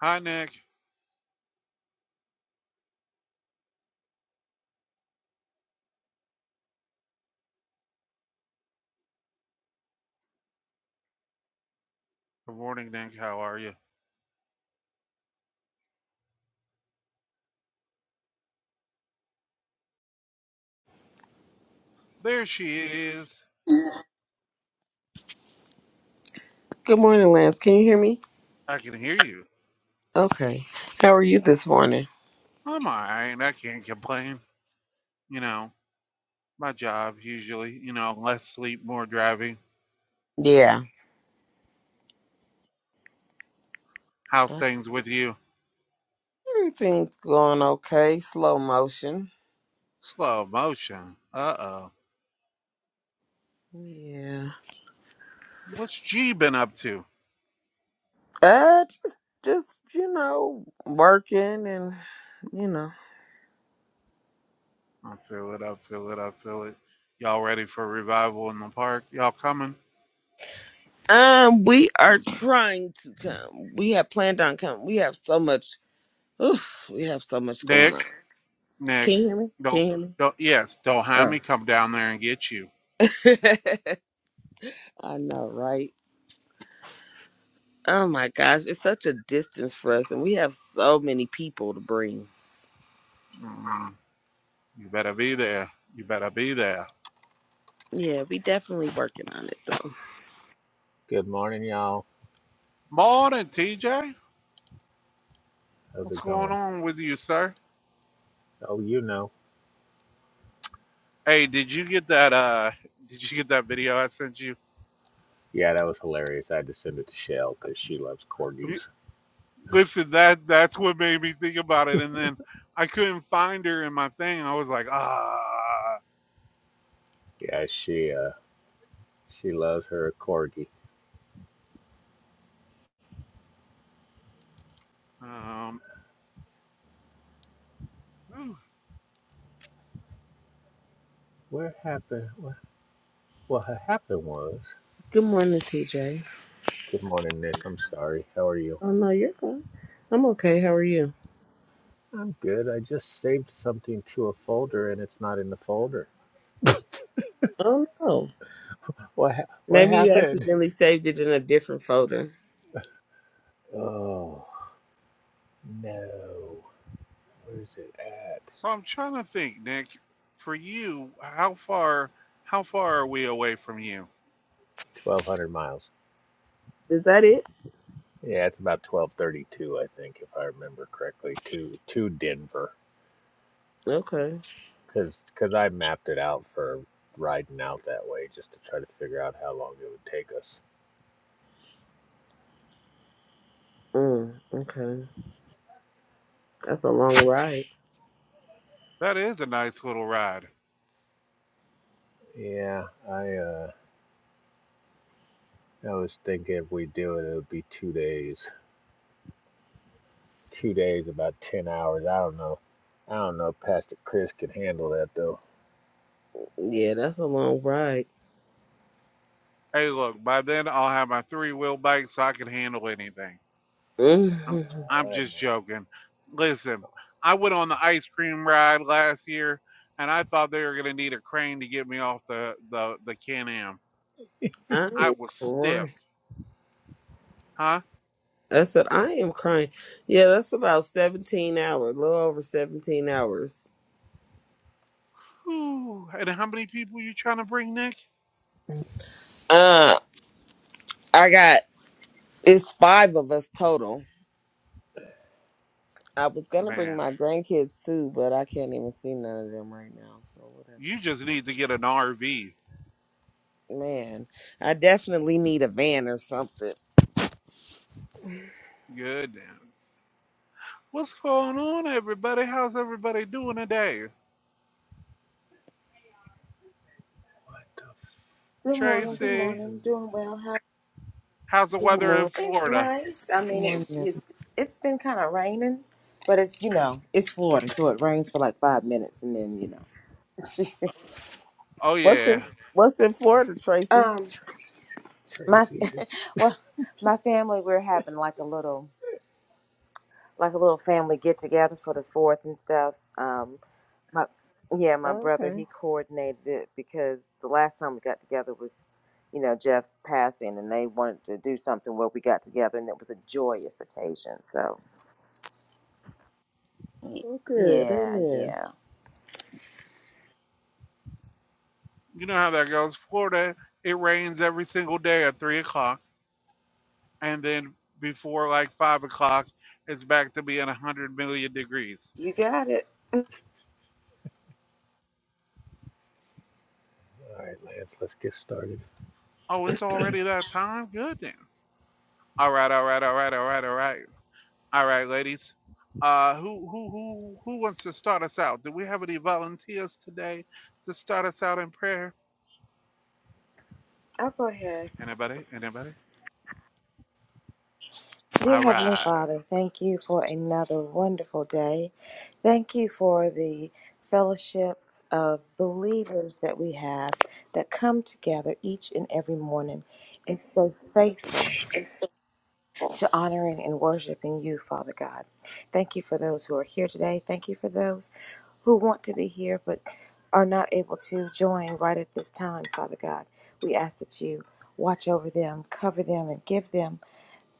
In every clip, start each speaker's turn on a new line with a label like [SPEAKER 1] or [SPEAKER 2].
[SPEAKER 1] Hi, Nick. Good morning, Nick. How are you? There she is.
[SPEAKER 2] Good morning, Lance. Can you hear me?
[SPEAKER 1] I can hear you.
[SPEAKER 2] Okay. How are you this morning?
[SPEAKER 1] I'm all right. I can't complain. You know, my job usually, you know, less sleep, more driving.
[SPEAKER 2] Yeah.
[SPEAKER 1] How's
[SPEAKER 2] Uh,
[SPEAKER 1] things with you?
[SPEAKER 2] Everything's going okay. Slow motion.
[SPEAKER 1] Slow motion. Uh oh.
[SPEAKER 2] Yeah.
[SPEAKER 1] What's G been up to?
[SPEAKER 2] Uh just just, you know, working and you know.
[SPEAKER 1] I feel it. I feel it. I feel it. Y'all ready for revival in the park? Y'all coming?
[SPEAKER 2] Um, we are trying to come. We have planned on coming. We have so much oof, we have so much going on.
[SPEAKER 1] Nick, Nick,
[SPEAKER 2] Can you hear me? Can
[SPEAKER 1] don't,
[SPEAKER 2] you
[SPEAKER 1] don't, yes, don't have me come down there and get you.
[SPEAKER 2] hear me? Oh. I know, right? Oh my gosh, it's such a distance for us and we have so many people to bring.
[SPEAKER 1] Mm, you better be there. You better be there.
[SPEAKER 2] Yeah, we definitely working on it though.
[SPEAKER 3] Good morning, y'all.
[SPEAKER 1] Morning, TJ.
[SPEAKER 3] How's
[SPEAKER 1] What's
[SPEAKER 3] it
[SPEAKER 1] going
[SPEAKER 3] going?
[SPEAKER 1] on with you, sir?
[SPEAKER 3] Oh, you know.
[SPEAKER 1] Hey, did you get that? Uh, did you get that video I sent you?
[SPEAKER 3] Yeah, that was hilarious. I had to send it to Shell because she loves
[SPEAKER 1] We-
[SPEAKER 3] corgis.
[SPEAKER 1] Listen, that that's what made me think about it, and then I couldn't find her in my thing. I was like, ah.
[SPEAKER 3] Yeah, she uh she loves her corgi.
[SPEAKER 1] Um, ooh.
[SPEAKER 3] What happened? What what ha- happened was.
[SPEAKER 2] Good morning, TJ.
[SPEAKER 3] Good morning, Nick. I'm sorry. How are you?
[SPEAKER 2] Oh no, you're fine. I'm okay. How are you?
[SPEAKER 3] I'm good. I just saved something to a folder and it's not in the folder.
[SPEAKER 2] Oh no.
[SPEAKER 3] What ha- what
[SPEAKER 2] Maybe you
[SPEAKER 3] happened?
[SPEAKER 2] accidentally saved it in a different folder.
[SPEAKER 3] Oh no. Where's it at?
[SPEAKER 1] so I'm trying to think, Nick. For you, how far? How far are we away from you?
[SPEAKER 3] Twelve hundred miles.
[SPEAKER 2] Is that it?
[SPEAKER 3] Yeah, it's about 12:32, I think, if I remember correctly, to to Denver,
[SPEAKER 2] Okay.
[SPEAKER 3] because cause I mapped it out for riding out that way just to try to figure out how long it would take us.
[SPEAKER 2] Mm, okay. That's a long ride.
[SPEAKER 1] That is a nice little ride.
[SPEAKER 3] Yeah, I uh, I was thinking if we do it, it would be two days. Two days, about 10 hours. I don't know. I don't know. if Pastor Chris can handle that though.
[SPEAKER 2] Yeah, that's a long ride.
[SPEAKER 1] Hey, look. By then, I'll have my three wheel bike, so I can handle anything. I'm
[SPEAKER 2] Mhm.
[SPEAKER 1] I'm
[SPEAKER 3] All right
[SPEAKER 1] just
[SPEAKER 3] now.
[SPEAKER 1] joking. Listen, I went on the ice cream ride last year and I thought they were gonna need a crane to get me off the the, the Can Am. I
[SPEAKER 2] I'm
[SPEAKER 1] was stiff.
[SPEAKER 2] crying.
[SPEAKER 1] Huh?
[SPEAKER 2] I said I am crying. Yeah, that's about seventeen hours, a little over seventeen hours.
[SPEAKER 1] Ooh, and how many people you trying to bring, Nick?
[SPEAKER 2] Uh, I got it's five of us total I was gonna bring
[SPEAKER 1] Man,
[SPEAKER 2] my grandkids too, but I can't even see none of them right now. So whatever.
[SPEAKER 1] you just need to get an RV.
[SPEAKER 2] Man, I definitely need a van or something.
[SPEAKER 1] Goodness. What's going on, everybody? How's everybody doing today?
[SPEAKER 3] What the
[SPEAKER 4] Good
[SPEAKER 3] fuck?
[SPEAKER 4] morning. Good
[SPEAKER 3] farfin
[SPEAKER 1] Tracy,
[SPEAKER 4] morning.
[SPEAKER 3] Newman?
[SPEAKER 4] Doing well. How?
[SPEAKER 1] how's the
[SPEAKER 2] Good
[SPEAKER 1] weather in
[SPEAKER 2] morning.
[SPEAKER 4] It's
[SPEAKER 1] Florida?
[SPEAKER 4] nice. I
[SPEAKER 2] Good
[SPEAKER 4] mean,
[SPEAKER 2] morning.
[SPEAKER 4] it, it's
[SPEAKER 2] everyone.
[SPEAKER 4] it's been kind of raining, but it's you know it's Florida, so it rains for like five minutes, and then you know it's just
[SPEAKER 1] Oh,
[SPEAKER 2] What's
[SPEAKER 1] yeah.
[SPEAKER 2] in What's in Florida, Tracy?
[SPEAKER 4] um my
[SPEAKER 3] Tracy is.
[SPEAKER 4] well my family we're having like a little like a little family get together for the fourth and stuff. Um, my yeah, my brother
[SPEAKER 2] Okay.
[SPEAKER 4] he coordinated it because the last time we got together was you know Jeff's passing, and they wanted to do something where we got together, and it was a joyous occasion. So. Y-
[SPEAKER 2] Well, good.
[SPEAKER 4] Yeah,
[SPEAKER 2] Amen.
[SPEAKER 4] yeah.
[SPEAKER 1] you know how that goes. Florida, it rains every single day at three o'clock, and then before like five o'clock, it's back to being a hundred million degrees.
[SPEAKER 4] You got it.
[SPEAKER 3] All right, Lance. Let's get started.
[SPEAKER 1] Oh, it's already that time. Goodness. All right, all right, all right, all right, all right, all right, ladies. Uh, who who who who wants to start us out? Do we have any volunteers today to start us out in prayer?
[SPEAKER 4] I'll go ahead.
[SPEAKER 1] Anybody? Anybody?
[SPEAKER 4] Dear
[SPEAKER 1] All
[SPEAKER 4] Heavenly
[SPEAKER 1] right.
[SPEAKER 4] Father, thank you for another wonderful day. Thank you for the fellowship of believers that we have that come together each and every morning and so faithful. to honoring and worshiping you, Father God. Thank you for those who are here today. Thank you for those who want to be here but are not able to join right at this time, Father God. We ask that you watch over them, cover them, and give them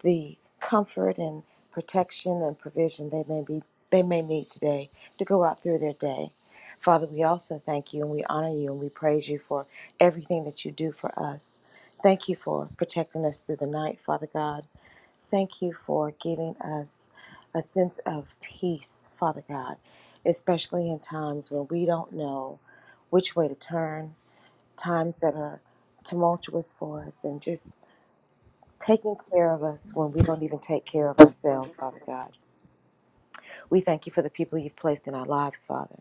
[SPEAKER 4] the comfort and protection and provision they may be they may need today to go out through their day. Father, we also thank you and we honor you and we praise you for everything that you do for us. Thank you for protecting us through the night, Father God Thank you for giving us a sense of peace, Father God, especially in times when we don't know which way to turn, times that are tumultuous for us, and just taking care of us when we don't even take care of ourselves, Father God. We thank you for the people you've placed in our lives, Father.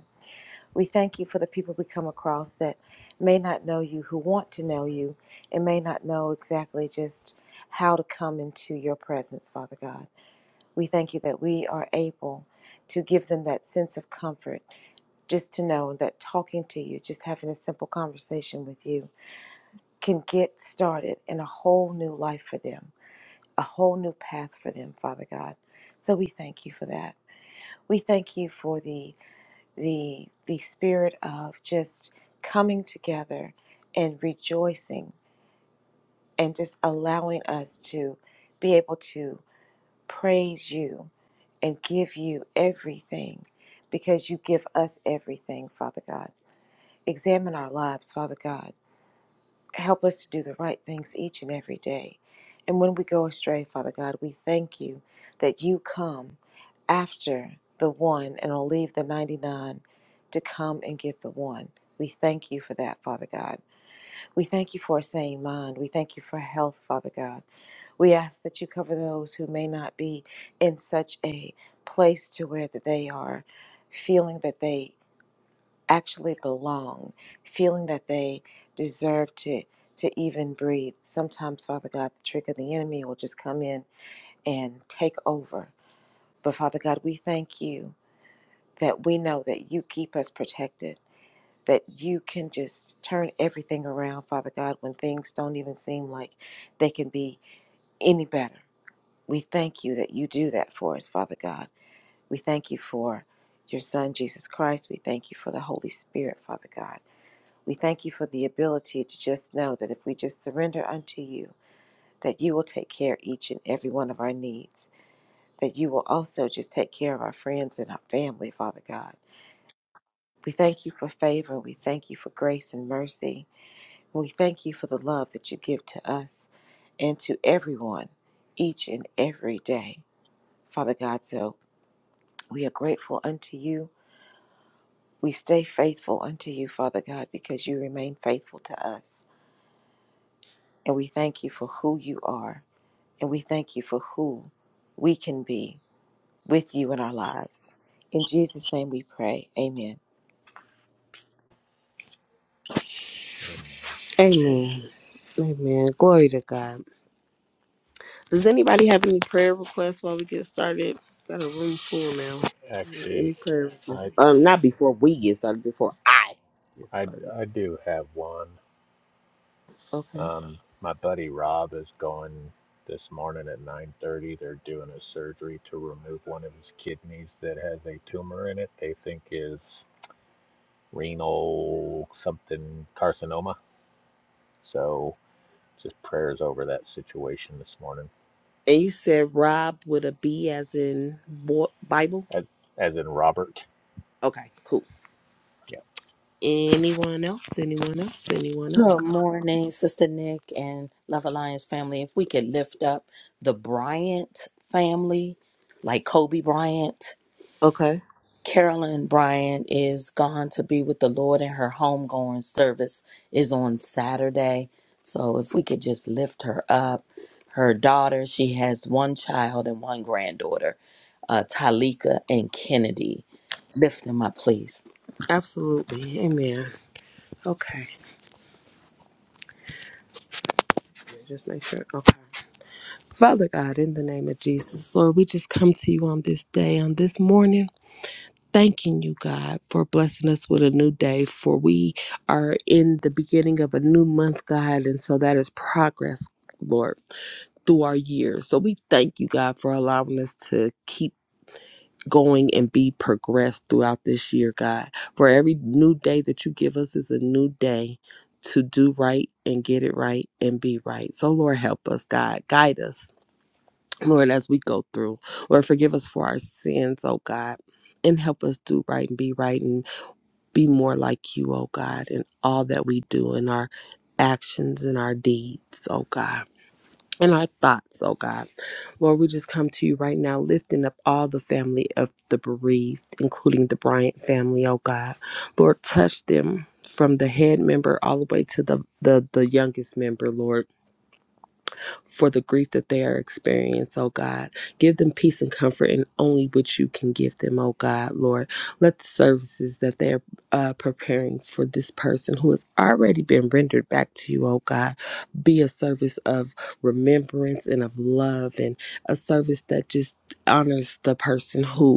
[SPEAKER 4] We thank you for the people we come across that may not know you, who want to know you, and may not know exactly just how to come into your presence, Father God. We thank you that we are able to give them that sense of comfort, just to know that talking to you, just having a simple conversation with you, can get started in a whole new life for them, a whole new path for them, Father God. So we thank you for that. We thank you for the the the spirit of just coming together and rejoicing and just allowing us to be able to praise you and give you everything because you give us everything, Father God. Examine our lives, Father God. Help us to do the right things each and every day. And when we go astray, Father God, we thank you that you come after the one and will leave the 99 to come and get the one. We thank you for that, Father God. We thank you for a sane mind. We thank you for health, Father God. We ask that you cover those who may not be in such a place to where that they are feeling that they actually belong, feeling that they deserve to to even breathe. Sometimes, Father God, the trick of the enemy will just come in and take over. But Father God, we thank you that we know that you keep us protected, that you can just turn everything around, Father God, when things don't even seem like they can be any better. We thank you that you do that for us, Father God. We thank you for your Son, Jesus Christ. We thank you for the Holy Spirit, Father God. We thank you for the ability to just know that if we just surrender unto you, that you will take care of each and every one of our needs, that you will also just take care of our friends and our family, Father God. We thank you for favor. We thank you for grace and mercy. We thank you for the love that you give to us and to everyone each and every day, Father God. So, We are grateful unto you. We stay faithful unto you, Father God, because you remain faithful to us. And we thank you for who you are. And we thank you for who we can be with you in our lives. In Jesus' name we pray. Amen.
[SPEAKER 3] Amen.
[SPEAKER 2] Amen. Amen. Glory to God. Does anybody have any prayer requests while we get started? Got a room full now. Any
[SPEAKER 3] Actually.
[SPEAKER 2] prayer
[SPEAKER 3] I.
[SPEAKER 2] requests? Um, not before we get started. Before I get
[SPEAKER 3] I,
[SPEAKER 2] started.
[SPEAKER 3] I do have one.
[SPEAKER 2] Okay.
[SPEAKER 3] Um, my buddy Rob is going this morning at 9:30. They're doing a surgery to remove one of his kidneys that has a tumor in it. They think is renal something carcinoma. So just prayers over that situation this morning.
[SPEAKER 2] And you said Rob with a B as in bo- Bible?
[SPEAKER 3] As, as in Robert.
[SPEAKER 2] Okay, cool.
[SPEAKER 3] Yeah.
[SPEAKER 2] Anyone else? Anyone else? Anyone else?
[SPEAKER 5] Good morning, Sister Nick and Love Alliance family. If we could lift up the Bryant family, like Kobe Bryant,
[SPEAKER 2] Okay,
[SPEAKER 5] Carolyn Bryant is gone to be with the Lord, and her homegoing service is on Saturday. So if we could just lift her up. Her daughter, she has one child and one granddaughter, uh, Talika and Kennedy. Lift them up, please.
[SPEAKER 2] absolutely. Amen. Okay, just make sure. Okay. Father God, in the name of Jesus, Lord, we just come to you on this day, on this morning, thanking you, God, for blessing us with a new day. For we are in the beginning of a new month, God, and so that is progress, Lord, through our years. So we thank you, God, for allowing us to keep going and be progressed throughout this year, God. For every new day that you give us is a new day to do right and get it right and be right. So, Lord, help us, God. Guide us, Lord, as we go through. Lord, forgive us for our sins, oh God. And help us do right and be right and be more like you, oh God, in all that we do, in our actions and our deeds, oh God and our thoughts, oh God. Lord, we just come to you right now, lifting up all the family of the bereaved, including the Bryant family, oh God. Lord, touch them from the head member all the way to the the, the youngest member, Lord for the grief that they are experiencing, oh God. Give them peace and comfort in only which you can give them, oh God, Lord. Let the services that they are uh, preparing for this person who has already been rendered back to you, oh God, be a service of remembrance and of love and a service that just honors the person who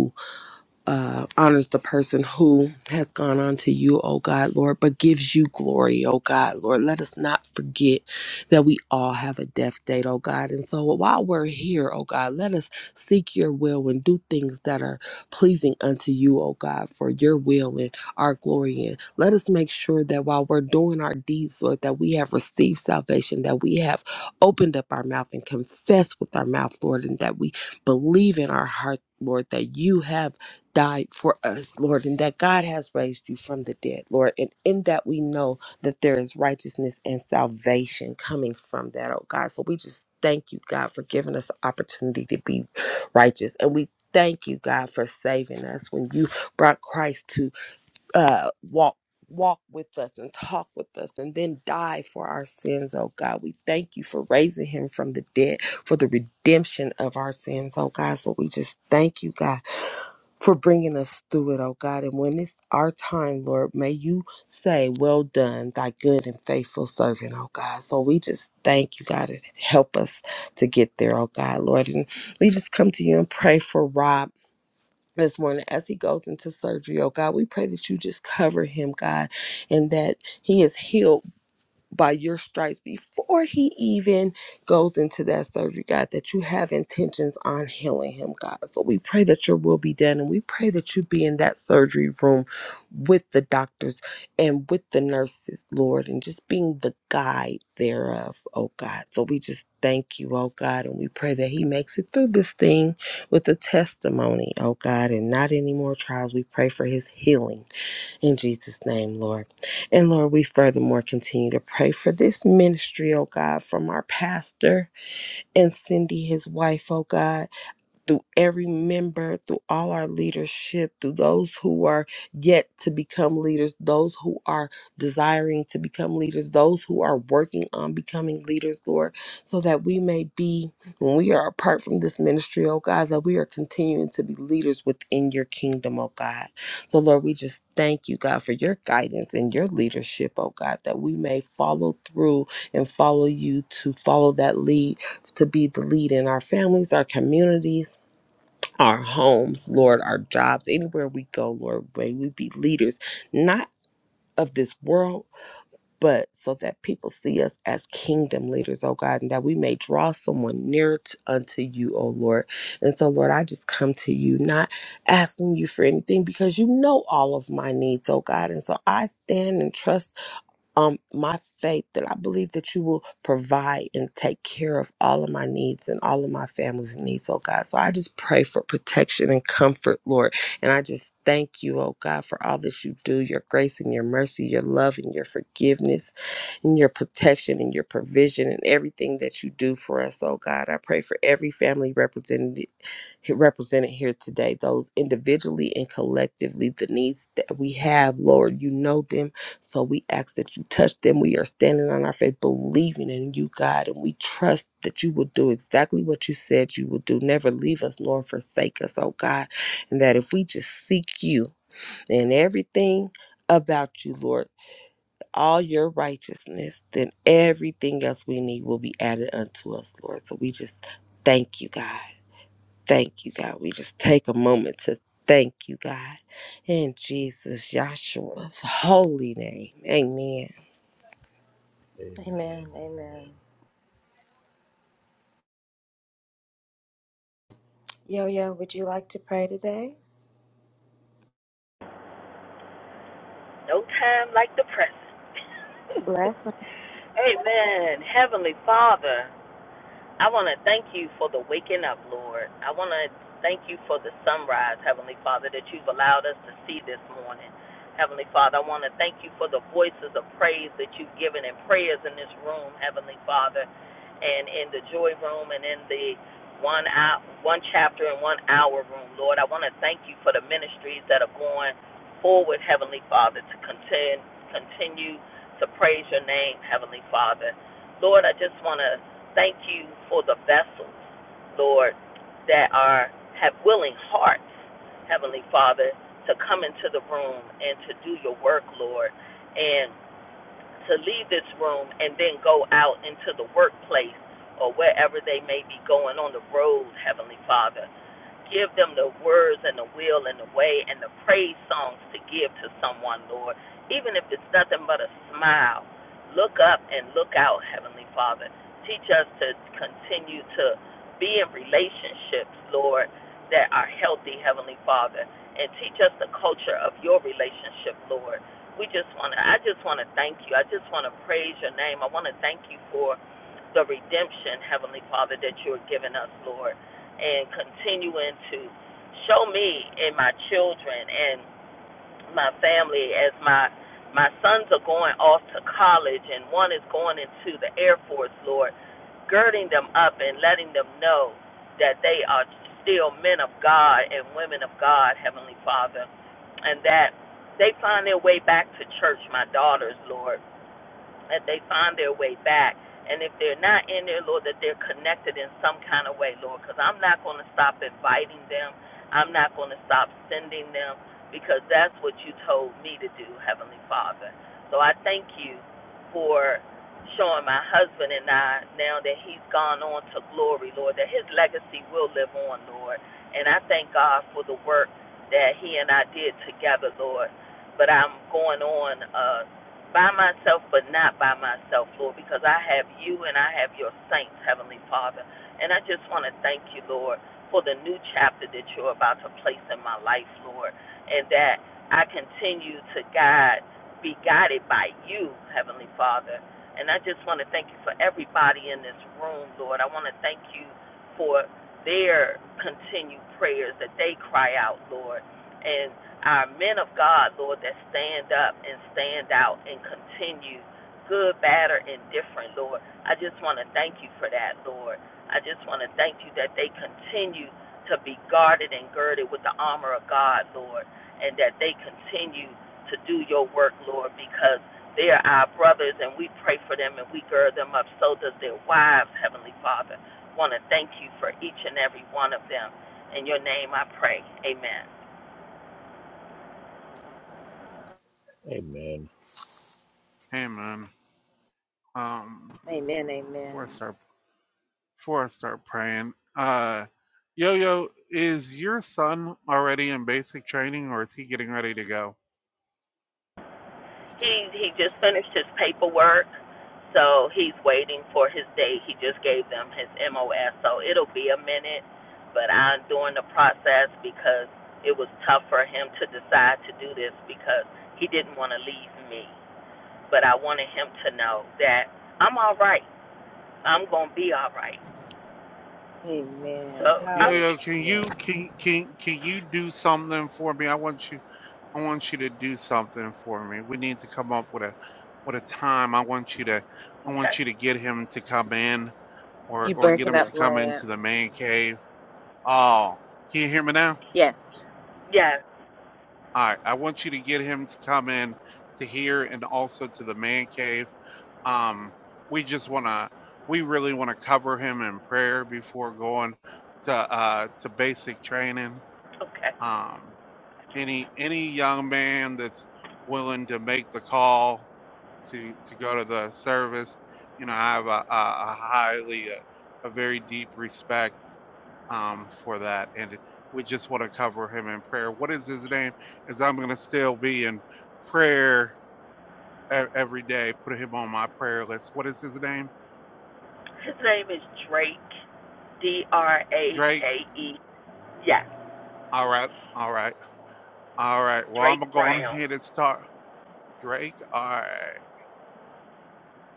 [SPEAKER 2] uh, honors the person who has gone on to you, oh God, Lord, but gives you glory, oh God, Lord. Let us not forget that we all have a death date, oh God. And so while we're here, oh God, let us seek your will and do things that are pleasing unto you, oh God, for your will and our glory. And let us make sure that while we're doing our deeds, Lord, that we have received salvation, that we have opened up our mouth and confessed with our mouth, Lord, and that we believe in our heart, Lord, that you have died for us, Lord, and that God has raised you from the dead, Lord. And in that we know that there is righteousness and salvation coming from that, oh God. So we just thank you, God, for giving us the opportunity to be righteous. And we thank you, God, for saving us when you brought Christ to uh walk. Walk with us and talk with us and then die for our sins, oh God. We thank you for raising him from the dead for the redemption of our sins, oh God. So we just thank you, God for bringing us through it, oh God. And when it's our time, Lord, may you say, Well done, thy good and faithful servant, oh God. So we just thank you, God, and help us to get there, oh God, Lord. And we just come to you and pray for Rob. This morning, as he goes into surgery, oh God, we pray that you just cover him, God, and that he is healed by your stripes before he even goes into that surgery, God, that you have intentions on healing him, God. So we pray that your will be done and we pray that you be in that surgery room with the doctors and with the nurses, Lord, and just being the guide thereof, oh God. So we just thank you, oh God, and we pray that he makes it through this thing with a testimony, oh God, and not any more trials. We pray for his healing in Jesus' name, Lord. And Lord, we furthermore continue to pray for this ministry, oh God, from our pastor and Cindy, his wife, oh God through every member, through all our leadership, through those who are yet to become leaders, those who are desiring to become leaders, those who are working on becoming leaders, Lord, so that we may be, when we are apart from this ministry, oh God, that we are continuing to be leaders within your kingdom, oh God. So, Lord, we just thank you, God, for your guidance and your leadership, oh God, that we may follow through and follow you to follow that lead, to be the lead in our families, our communities our homes, Lord, our jobs, anywhere we go, Lord, may we be leaders, not of this world, but so that people see us as kingdom leaders, oh God, and that we may draw someone nearer t- unto you, oh Lord. And so, Lord, I just come to you, not asking you for anything because you know all of my needs, oh God. And so I stand and trust um my faith that I believe that you will provide and take care of all of my needs and all of my family's needs, oh God. So I just pray for protection and comfort, Lord. And I just thank you, oh God, for all that you do, your grace and your mercy, your love and your forgiveness and your protection and your provision and everything that you do for us, oh God. I pray for every family represented represented here today, those individually and collectively, the needs that we have, Lord, you know them so we ask that you touch them. We are standing on our faith, believing in you, God, and we trust that you will do exactly what you said you will do. Never leave us nor forsake us, oh God. And that if we just seek you and everything about you, Lord, all your righteousness, then everything else we need will be added unto us, Lord. So we just thank you, God. Thank you, God. We just take a moment to thank you, God. In Jesus, Joshua's holy name. Amen.
[SPEAKER 4] Amen. Amen. Yo, yo, would you like to pray today?
[SPEAKER 5] No time like the present.
[SPEAKER 4] Blessing.
[SPEAKER 5] Amen. Heavenly Father. I want to thank you for the waking up, Lord. I want to thank you for the sunrise, Heavenly Father, that you've allowed us to see this morning. Heavenly Father, I want to thank you for the voices of praise that you've given and prayers in this room, Heavenly Father, and in the joy room and in the one hour, one chapter and one hour room, Lord. I want to thank you for the ministries that are going forward, Heavenly Father, to contend, continue to praise your name, Heavenly Father. Lord, I just want to Thank you for the vessels, Lord, that are have willing hearts, Heavenly Father, to come into the room and to do your work, Lord, and to leave this room and then go out into the workplace or wherever they may be going on the road, Heavenly Father. Give them the words and the will and the way and the praise songs to give to someone, Lord. Even if it's nothing but a smile, look up and look out, Heavenly Father. Teach us to continue to be in relationships, Lord, that are healthy, Heavenly Father. And teach us the culture of your relationship, Lord. We just want to, I just want to thank you. I just want to praise your name. I want to thank you for the redemption, Heavenly Father, that you have given us, Lord and continuing to show me and my children and my family as my my sons are going off to college and one is going into the Air Force, Lord, girding them up and letting them know that they are still men of God and women of God, Heavenly Father, and that they find their way back to church, my daughters, Lord that they find their way back. And if they're not in there, Lord, that they're connected in some kind of way, Lord, because I'm not going to stop inviting them. I'm not going to stop sending them because that's what you told me to do, Heavenly Father. So I thank you for showing my husband and I now that he's gone on to glory, Lord, that his legacy will live on, Lord. And I thank God for the work that he and I did together, Lord. But I'm going on. Uh, by myself, but not by myself, Lord, because I have you and I have your saints, Heavenly Father. And I just want to thank you, Lord, for the new chapter that you're about to place in my life, Lord, and that I continue to guide, be guided by you, Heavenly Father. And I just want to thank you for everybody in this room, Lord. I want to thank you for their continued prayers that they cry out, Lord. And our men of God, Lord, that stand up and stand out and continue, good, bad, or indifferent, Lord. I just want to thank you for that, Lord. I just want to thank you that they continue to be guarded and girded with the armor of God, Lord, and that they continue to do your work, Lord, because they are our brothers and we pray for them and we gird them up. So does their wives, Heavenly Father. Want to thank you for each and every one of them. In your name I pray. Amen.
[SPEAKER 3] Amen.
[SPEAKER 1] Amen. Um,
[SPEAKER 4] Amen. Amen.
[SPEAKER 1] where's our before I start praying, uh, Yo Yo, is your son already in basic training, or is he getting ready to go?
[SPEAKER 5] He he just finished his paperwork, so he's waiting for his date. He just gave them his MOS, so it'll be a minute. But I'm doing the process because it was tough for him to decide to do this because he didn't want to leave me. But I wanted him to know that I'm all right. I'm gonna be all right.
[SPEAKER 4] Amen.
[SPEAKER 5] So
[SPEAKER 1] Yo
[SPEAKER 5] I
[SPEAKER 4] Hallelujah.
[SPEAKER 1] Yo, can you can can can you do something for me? I want you, I want you to do something for me. We need to come up with a with a time. I want you to, I
[SPEAKER 5] okay.
[SPEAKER 1] want you to get him to come in, or
[SPEAKER 4] You
[SPEAKER 1] or get
[SPEAKER 4] breaking
[SPEAKER 1] him to
[SPEAKER 4] up,
[SPEAKER 1] come into the
[SPEAKER 4] Lance?
[SPEAKER 1] man cave. Oh, can you hear me now?
[SPEAKER 4] Yes.
[SPEAKER 5] Yeah,
[SPEAKER 1] All right, I want you to get him to come in to here and also to the man cave. Um, we just want to, we really want to cover him in prayer before going to uh, to basic training.
[SPEAKER 5] okay.
[SPEAKER 1] Um, any any young man that's willing to make the call to to go to the service, you know, I have a, a, a highly a, a very deep respect um, for that. And we just want to cover him in prayer. What is his name? Is I'm going to still be in prayer e- every day, put him on my prayer list. What is his name?
[SPEAKER 5] His name is Drake D R A
[SPEAKER 1] Drake?
[SPEAKER 5] K E. Yes,
[SPEAKER 1] All right. All right. All right. Well, I'm
[SPEAKER 5] Drake
[SPEAKER 1] going to go on
[SPEAKER 5] Brown.
[SPEAKER 1] ahead and start. Drake, all right.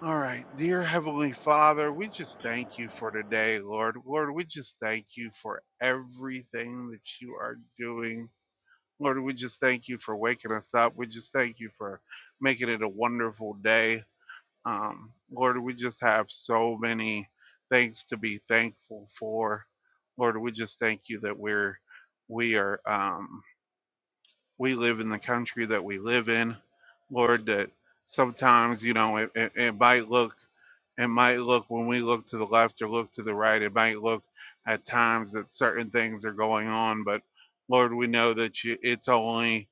[SPEAKER 1] All right. Dear Heavenly Father, we just thank you for today, Lord. Lord, we just thank you for everything that you are doing. Lord, we just thank you for waking us up. We just thank you for making it a wonderful day. Um, Lord, we just have so many things to be thankful for. Lord, we just thank you that we're we are um, we live in the country that we live in. Lord, that sometimes you know it, it, it might look it might look when we look to the left or look to the right, it might look at times that certain things are going on, but Lord, we know that you it's only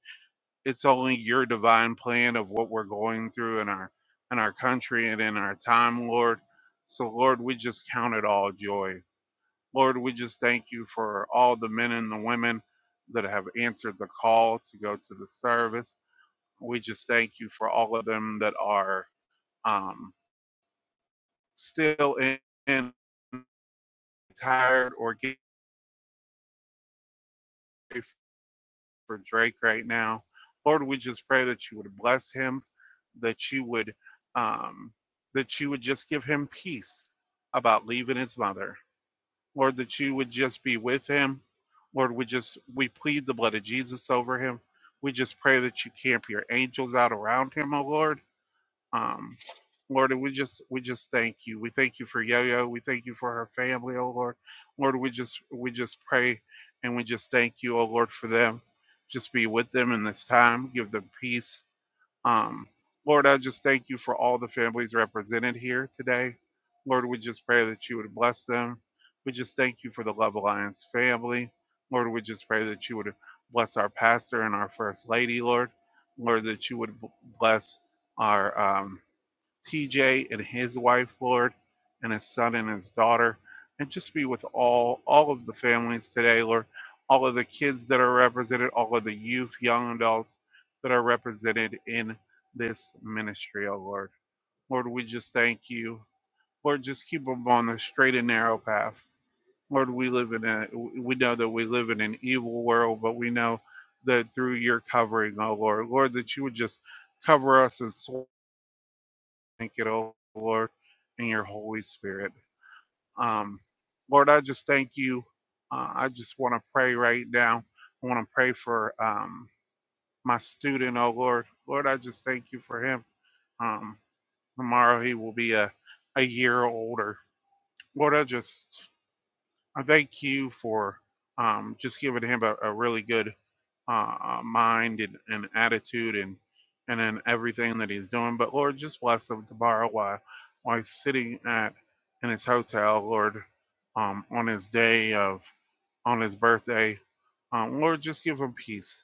[SPEAKER 1] it's only your divine plan of what we're going through in our in our country and in our time, Lord. So Lord, we just count it all joy. Lord, we just thank you for all the men and the women that have answered the call to go to the service. We just thank you for all of them that are um, still in, in tired or getting for Drake right now. Lord, we just pray that you would bless him, that you would um, that you would just give him peace about leaving his mother. Lord, that you would just be with him. Lord, we just we plead the blood of Jesus over him. We just pray that you camp your angels out around him, O Lord um, Lord, and we just we just thank you. We thank you for Yo-Yo. We thank you for her family, oh Lord. Lord, we just we just pray and we just thank you, oh Lord, for them. Just be with them in this time. Give them peace. Um, Lord, I just thank you for all the families represented here today. Lord, we just pray that you would bless them. We just thank you for the Love Alliance family. Lord, we just pray that you would bless our pastor and our first lady, Lord. Lord, that you would bless our um, TJ and his wife, Lord, and his son and his daughter, and just be with all all of the families today, Lord, all of the kids that are represented, all of the youth, young adults that are represented in this ministry, oh Lord. Lord, we just thank you. Lord, just keep them on the straight and narrow path. Lord, we live in a we know that we live in an evil world, but we know that through your covering, oh Lord, Lord, that you would just cover us and. swallow thank you, oh Lord, and your Holy Spirit. Um, Lord, I just thank you. Uh, I just want to pray right now. I want to pray for um, my student, oh Lord. Lord, I just thank you for him. Um, tomorrow he will be a, a year older. Lord, I just I thank you for um, just giving him a, a really good uh, uh, mind and, and attitude and and in everything that he's doing. But Lord, just bless him tomorrow while while he's sitting at in his hotel, Lord, um, on his day of on his birthday. Um, Lord, just give him peace.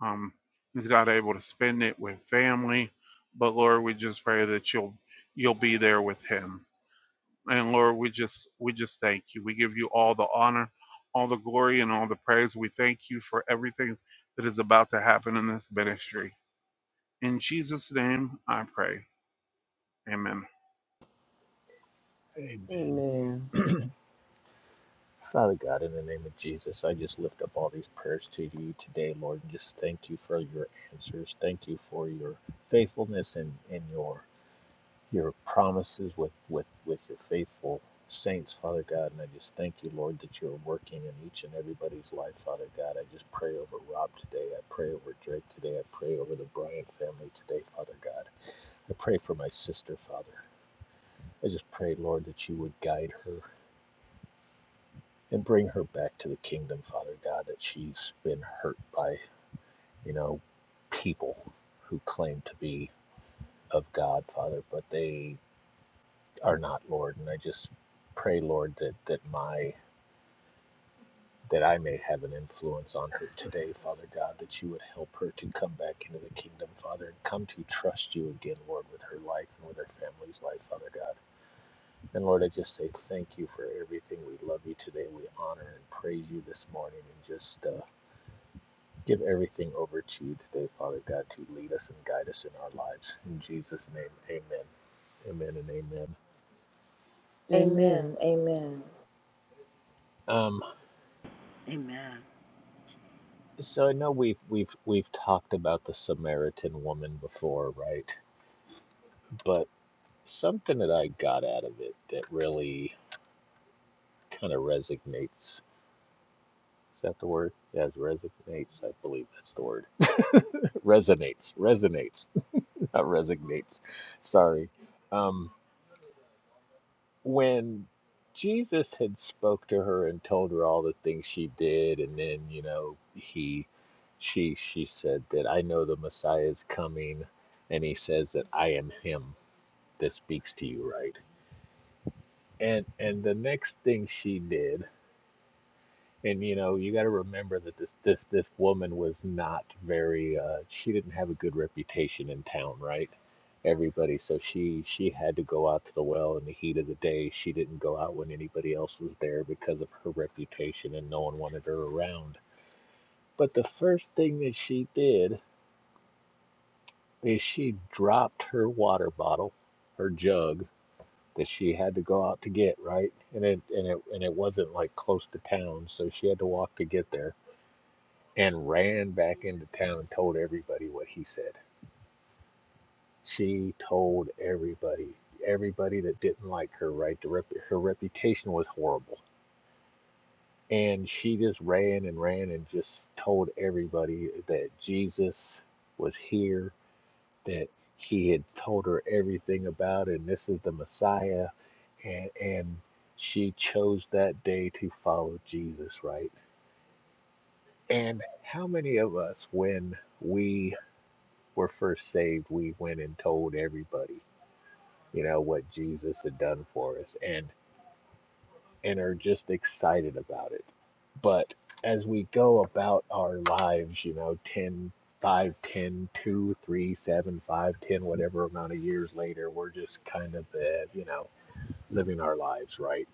[SPEAKER 1] Um, he's not able to spend it with family, but Lord, we just pray that you'll you'll be there with him and Lord, we just we just thank you. We give you all the honor, all the glory, and all the praise. We thank you for everything that is about to happen in this ministry. In Jesus' name I pray. Amen.
[SPEAKER 3] Amen.
[SPEAKER 2] Amen.
[SPEAKER 3] Father God, in the name of Jesus, I just lift up all these prayers to you today, Lord, and just thank you for your answers. Thank you for your faithfulness and, and your your promises with, with, with your faithful saints, Father God. And I just thank you, Lord, that you're working in each and everybody's life, Father God. I just pray over Rob today. I pray over Drake today. I pray over the Bryant family today, Father God. I pray for my sister, Father. I just pray, Lord, that you would guide her and bring her back to the kingdom, Father God, that she's been hurt by, you know, people who claim to be of God, Father, but they are not, Lord. And I just pray, Lord, that that my that I may have an influence on her today, Father God, that you would help her to come back into the kingdom, Father, and come to trust you again, Lord, with her life and with her family's life, Father God. And Lord, I just say thank you for everything. We love you today. We honor and praise you this morning, and just uh, Give everything over to you today, Father God, to lead us and guide us in our lives. In Jesus' name, amen. Amen and amen.
[SPEAKER 2] Amen.
[SPEAKER 4] Amen. Amen.
[SPEAKER 3] Um,
[SPEAKER 5] Amen.
[SPEAKER 3] so I know we've we've we've talked about the Samaritan woman before, right? But something that I got out of it that really kind of resonates. Is that the word? Yes, resonates. I believe that's the word. resonates. Resonates. Not resignates. Sorry. Um. when Jesus had spoke to her and told her all the things she did and then you know he she she said that I know the Messiah is coming and he says that I am him that speaks to you right and and the next thing she did and you know, you got to remember that this this this woman was not very uh she didn't have a good reputation in town, right? Everybody, so she she had to go out to the well in the heat of the day. She didn't go out when anybody else was there because of her reputation and no one wanted her around. But the first thing that she did is she dropped her water bottle, her jug that she had to go out to get, right? And it and it and it wasn't like close to town, so she had to walk to get there and ran back into town and told everybody what he said. She told everybody, everybody that didn't like her, right? The rep- her reputation was horrible. And she just ran and ran and just told everybody that Jesus was here, that he had told her everything about, it, and this is the Messiah. And, and she chose that day to follow Jesus, right? And how many of us, when we were first saved, we went and told everybody, you know, what Jesus had done for us and and are just excited about it. But as we go about our lives, you know, 10, 5, 10, 2, 3, 7, 5, 10, whatever amount of years later, we're just kind of the, you know, living our lives, right?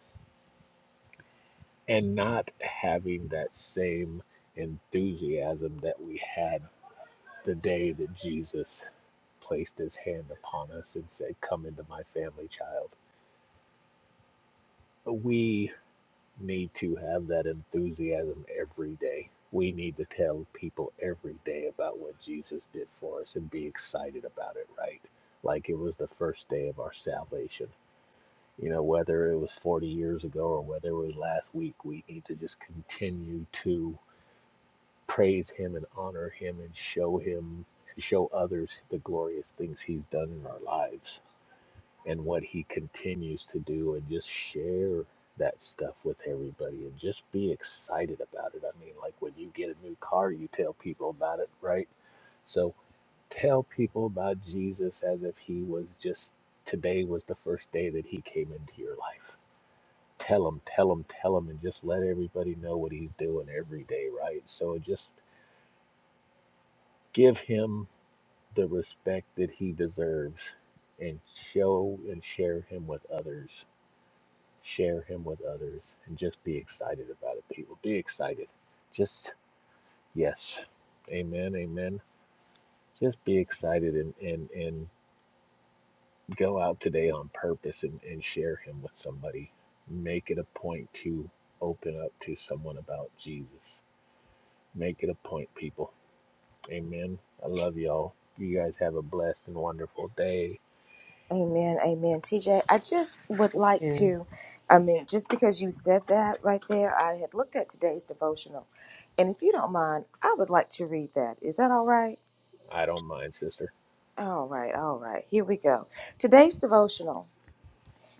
[SPEAKER 3] And not having that same enthusiasm that we had the day that Jesus placed his hand upon us and said, Come into my family, child. We need to have that enthusiasm every day. We need to tell people every day about what Jesus did for us and be excited about it, right? Like it was the first day of our salvation. You know, whether it was 40 years ago or whether it was last week, we need to just continue to praise him and honor him and show him and show others the glorious things he's done in our lives and what he continues to do and just share that stuff with everybody and just be excited about it. I mean, like when you get a new car, you tell people about it, right? So tell people about Jesus as if he was just today was the first day that he came into your life. Tell him, tell him, tell him, and just let everybody know what he's doing every day, right? So just give him the respect that he deserves and show and share him with others. Share him with others and just be excited about it, people. Be excited. Just, yes. Amen. Amen. Just be excited and, and, and go out today on purpose and, and share him with somebody. Make it a point to open up to someone about Jesus. Make it a point, people. Amen. I love y'all. You guys have a blessed and wonderful day.
[SPEAKER 4] Amen, amen. TJ, I just would like
[SPEAKER 2] And
[SPEAKER 4] to, I mean, just because you said that right there, I had looked at today's devotional. And if you don't mind, I would like to read that. Is that all right?
[SPEAKER 3] I don't mind, sister.
[SPEAKER 4] All right, all right. Here we go. Today's devotional,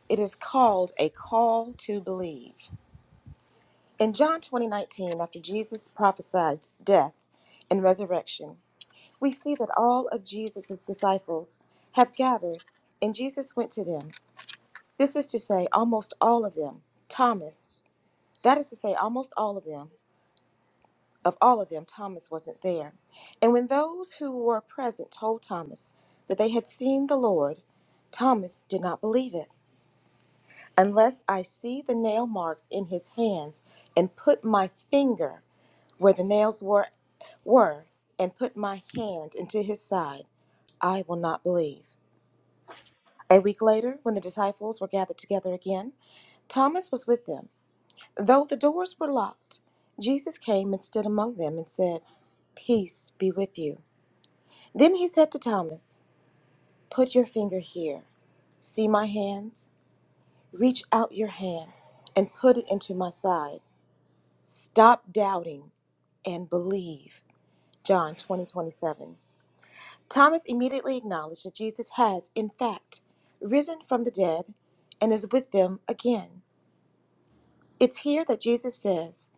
[SPEAKER 4] it is called A Call to Believe. In John 20 19, after Jesus prophesied death and resurrection, we see that all of Jesus' disciples have gathered, and Jesus went to them. This is to say, almost all of them, Thomas, that is to say, almost all of them, of all of them, Thomas wasn't there. And when those who were present told Thomas that they had seen the Lord, Thomas did not believe it. Unless I see the nail marks in his hands and put my finger where the nails were, were and put my hand into his side, I will not believe. A week later, when the disciples were gathered together again, Thomas was with them. Though the doors were locked, Jesus came and stood among them and said, Peace be with you. Then he said to Thomas, Put your finger here. See my hands? Reach out your hand and put it into my side. Stop doubting and believe. John 20 27. Thomas immediately acknowledged that Jesus has, in fact, risen from the dead and is with them again. It's here that Jesus says,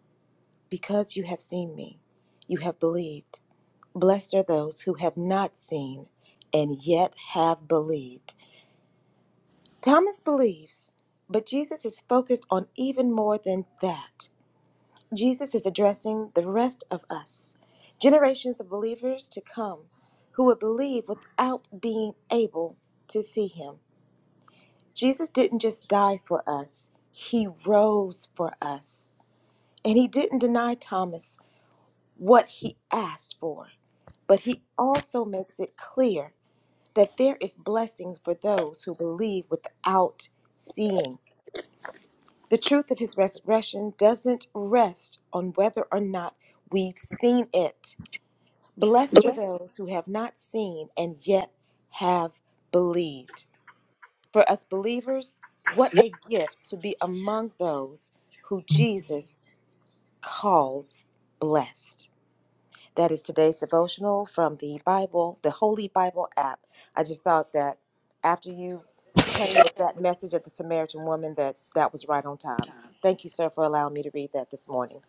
[SPEAKER 4] Because you have seen me, you have believed. Blessed are those who have not seen and yet have believed. Thomas believes, but Jesus is focused on even more than that. Jesus is addressing the rest of us, generations of believers to come who would believe without being able to see him. Jesus didn't just die for us, he rose for us. And he didn't deny Thomas what he asked for. But he also makes it clear that there is blessing for those who believe without seeing. The truth of his resurrection doesn't rest on whether or not we've seen it. Blessed are those who have not seen and yet have believed. For us believers, what a gift to be among those who Jesus calls blessed. That is today's devotional from the Bible, the Holy Bible app. I just thought that after you came with that message of the Samaritan woman, that that was right on time. Thank you, sir, for allowing me to read that this morning.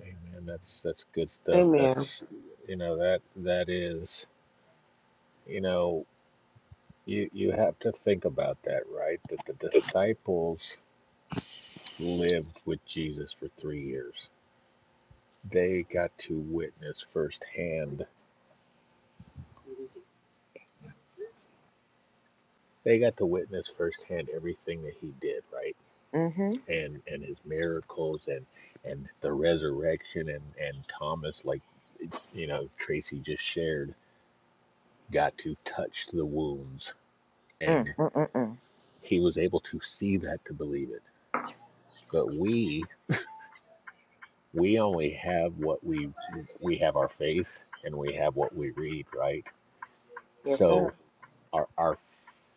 [SPEAKER 3] Amen. That's that's good stuff.
[SPEAKER 2] Amen.
[SPEAKER 3] That's you know that that is you know you you have to think about that, right? That the disciples lived with Jesus for three years. They got to witness firsthand. They got to witness firsthand everything that he did, right?
[SPEAKER 4] Mm-hmm.
[SPEAKER 3] And and his miracles and and the resurrection and and Thomas, like you know Tracy just shared, got to touch the wounds.
[SPEAKER 4] Mm,
[SPEAKER 3] and.
[SPEAKER 4] mm, mm, mm.
[SPEAKER 3] he was able to see that to believe it but we we only have what we we have our faith and we have what we read right
[SPEAKER 4] Yes, sir.
[SPEAKER 3] so our our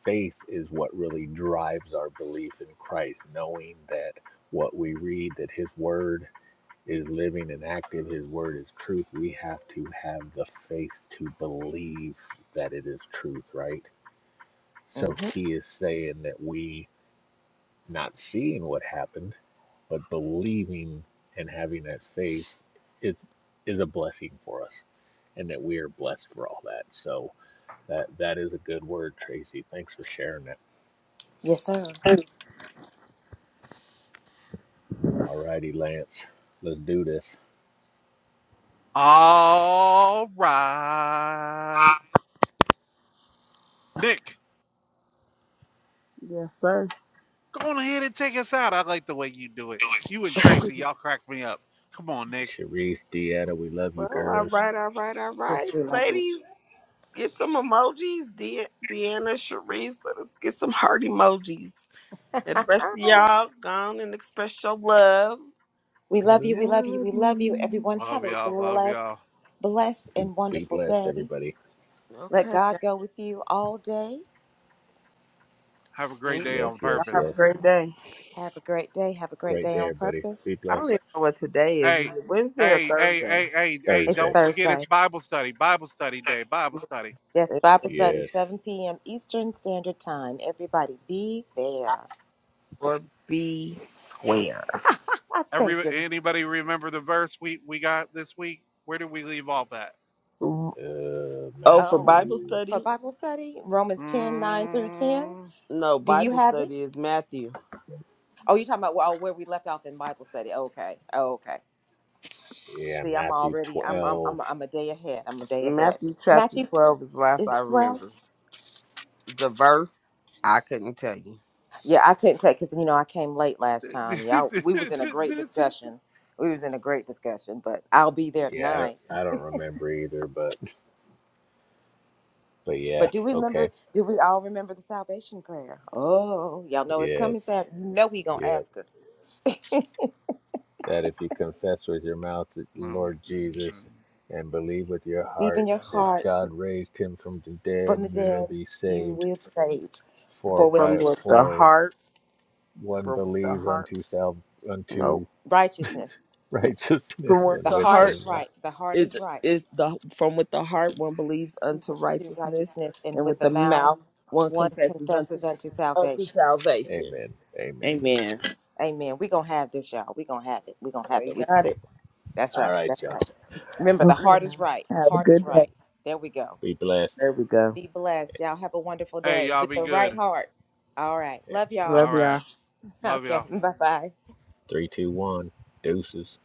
[SPEAKER 3] faith is what really drives our belief in Christ knowing that what we read that his word is living and active his word is truth we have to have the faith to believe that it is truth right so
[SPEAKER 4] Mm-hmm.
[SPEAKER 3] he is saying that we not seeing what happened, but believing and having that faith is is a blessing for us, and that we are blessed for all that. So that that is a good word, Tracy. Thanks for sharing that.
[SPEAKER 4] Yes, sir.
[SPEAKER 3] All righty, Lance, let's do this.
[SPEAKER 1] All right. Nick,
[SPEAKER 2] Yes, sir.
[SPEAKER 1] go on ahead and take us out. I like the way you do it. You and Tracy, y'all crack me up. Come on, Nick.
[SPEAKER 3] Sharice, Deanna, we love you,
[SPEAKER 2] Well, all
[SPEAKER 3] girls.
[SPEAKER 2] right, all right, all
[SPEAKER 4] Yes,
[SPEAKER 2] right.
[SPEAKER 4] we love you.
[SPEAKER 2] Ladies, get some emojis. De- Deanna, Sharice, let us get some heart emojis. And the rest of y'all, go on and express your love.
[SPEAKER 4] we
[SPEAKER 3] I
[SPEAKER 4] love you. We love you.
[SPEAKER 3] love
[SPEAKER 4] We love you.
[SPEAKER 3] you.
[SPEAKER 4] Everyone, have
[SPEAKER 1] Love
[SPEAKER 4] a
[SPEAKER 1] y'all. Love y'all.
[SPEAKER 4] blessed, blessed,
[SPEAKER 3] Be,
[SPEAKER 4] and
[SPEAKER 3] be
[SPEAKER 4] wonderful
[SPEAKER 3] blessed,
[SPEAKER 4] day.
[SPEAKER 3] everybody.
[SPEAKER 4] Let
[SPEAKER 2] Okay.
[SPEAKER 4] God
[SPEAKER 2] y'all.
[SPEAKER 4] go with you all day.
[SPEAKER 1] Have a great
[SPEAKER 2] Amen.
[SPEAKER 1] day on
[SPEAKER 3] Yes,
[SPEAKER 2] Y'all
[SPEAKER 3] yes,
[SPEAKER 2] have a
[SPEAKER 1] purpose.
[SPEAKER 3] yes.
[SPEAKER 2] great day.
[SPEAKER 4] Have a great day. Have a great
[SPEAKER 3] Great
[SPEAKER 4] day
[SPEAKER 3] day,
[SPEAKER 4] on
[SPEAKER 3] everybody.
[SPEAKER 4] purpose.
[SPEAKER 3] Be
[SPEAKER 2] I don't even
[SPEAKER 3] blessed.
[SPEAKER 2] know what today is. Is
[SPEAKER 1] Hey,
[SPEAKER 2] it Wednesday or
[SPEAKER 1] Hey, hey,
[SPEAKER 2] Thursday?
[SPEAKER 1] hey,
[SPEAKER 3] It's
[SPEAKER 1] hey, hey,
[SPEAKER 4] It's
[SPEAKER 3] Thursday.
[SPEAKER 1] don't forget
[SPEAKER 4] Thursday.
[SPEAKER 1] it's Bible study, Bible study day, Bible study.
[SPEAKER 4] Yes, Bible study,
[SPEAKER 3] Yes.
[SPEAKER 4] 7 p.m. Eastern Standard Time. Everybody be there.
[SPEAKER 2] Or be square.
[SPEAKER 4] Thank
[SPEAKER 1] Every
[SPEAKER 4] you.
[SPEAKER 1] anybody remember the verse we we got this week? Where did we leave off at?
[SPEAKER 2] Oh,
[SPEAKER 3] Uh,
[SPEAKER 2] for
[SPEAKER 4] Oh,
[SPEAKER 2] Bible
[SPEAKER 3] Matthew.
[SPEAKER 4] for
[SPEAKER 2] study?
[SPEAKER 4] Bible study, Romans ten nine through 10.
[SPEAKER 1] Mm.
[SPEAKER 2] No,
[SPEAKER 4] Do you
[SPEAKER 2] Bible
[SPEAKER 4] have it?
[SPEAKER 2] study is Matthew.
[SPEAKER 4] Oh, you're talking about well, where we left off in Bible study. Okay. Oh, okay.
[SPEAKER 3] Yeah,
[SPEAKER 4] See, I'm
[SPEAKER 3] Matthew
[SPEAKER 4] already, I'm, I'm, I'm,
[SPEAKER 3] 12.
[SPEAKER 4] I'm a day ahead. I'm a day ahead.
[SPEAKER 2] Matthew chapter
[SPEAKER 4] Matthew,
[SPEAKER 2] 12 is the last
[SPEAKER 4] is
[SPEAKER 2] I
[SPEAKER 4] it 12?
[SPEAKER 2] remember. The verse, I couldn't tell you.
[SPEAKER 4] Yeah, I couldn't take, because, you know, I came late last time. Y'all, we was in a great discussion. We was in a great discussion, but I'll be there
[SPEAKER 3] Yeah, I
[SPEAKER 4] tonight.
[SPEAKER 3] don't, I don't remember either, but but yeah,
[SPEAKER 4] But do we remember?
[SPEAKER 3] okay.
[SPEAKER 4] Do we all remember the salvation prayer? Oh, y'all know it's coming,
[SPEAKER 3] Yes.
[SPEAKER 4] Sam. You know he gonna
[SPEAKER 3] Yep.
[SPEAKER 4] ask us.
[SPEAKER 3] That if you confess with your mouth the Lord Jesus and believe with your
[SPEAKER 4] Leave in
[SPEAKER 3] heart
[SPEAKER 4] your
[SPEAKER 3] that
[SPEAKER 4] heart
[SPEAKER 3] God raised him from the dead,
[SPEAKER 4] from the
[SPEAKER 3] you will
[SPEAKER 4] dead,
[SPEAKER 3] be
[SPEAKER 4] you
[SPEAKER 3] saved.
[SPEAKER 4] will be saved.
[SPEAKER 3] For
[SPEAKER 4] For with
[SPEAKER 2] From
[SPEAKER 3] by
[SPEAKER 2] what the
[SPEAKER 3] for
[SPEAKER 2] heart,
[SPEAKER 3] one
[SPEAKER 2] from what the
[SPEAKER 3] believes
[SPEAKER 2] heart,
[SPEAKER 3] unto self unto
[SPEAKER 2] nope.
[SPEAKER 4] righteousness,
[SPEAKER 2] From
[SPEAKER 3] righteousness
[SPEAKER 2] what
[SPEAKER 3] and
[SPEAKER 4] the
[SPEAKER 2] the
[SPEAKER 3] with
[SPEAKER 4] heart
[SPEAKER 3] the
[SPEAKER 2] heart
[SPEAKER 4] is
[SPEAKER 3] mouth.
[SPEAKER 4] right. The heart is
[SPEAKER 2] is,
[SPEAKER 4] right.
[SPEAKER 2] is the, from what the heart one believes
[SPEAKER 4] He's
[SPEAKER 2] unto
[SPEAKER 4] unto
[SPEAKER 2] righteousness,
[SPEAKER 4] righteousness, and
[SPEAKER 2] and
[SPEAKER 4] with
[SPEAKER 2] with the
[SPEAKER 4] the mouth,
[SPEAKER 2] mouth one
[SPEAKER 4] one
[SPEAKER 2] confesses unto,
[SPEAKER 4] confesses unto
[SPEAKER 2] unto
[SPEAKER 4] salvation.
[SPEAKER 2] salvation.
[SPEAKER 3] Amen. Amen.
[SPEAKER 2] Amen.
[SPEAKER 4] Amen. We gonna have this, y'all. We gonna have it. We gonna have
[SPEAKER 2] We
[SPEAKER 4] it. We gonna
[SPEAKER 2] got
[SPEAKER 4] have
[SPEAKER 2] it.
[SPEAKER 4] it. That's
[SPEAKER 3] All
[SPEAKER 4] right.
[SPEAKER 3] right,
[SPEAKER 4] That's right.
[SPEAKER 3] y'all.
[SPEAKER 4] Remember, the heart
[SPEAKER 2] Okay.
[SPEAKER 4] is right.
[SPEAKER 2] Have a
[SPEAKER 4] Heart is
[SPEAKER 2] good day.
[SPEAKER 4] right. There we go.
[SPEAKER 3] Be blessed.
[SPEAKER 2] There we go.
[SPEAKER 4] Be blessed. Y'all have a wonderful
[SPEAKER 1] Hey,
[SPEAKER 4] day
[SPEAKER 1] y'all
[SPEAKER 4] with
[SPEAKER 1] be
[SPEAKER 4] the right
[SPEAKER 1] good.
[SPEAKER 4] heart. All right. Love
[SPEAKER 1] All
[SPEAKER 4] y'all.
[SPEAKER 2] Love y'all.
[SPEAKER 1] right. Love y'all.
[SPEAKER 4] Okay. Bye bye.
[SPEAKER 3] Three, two, one. Deuces.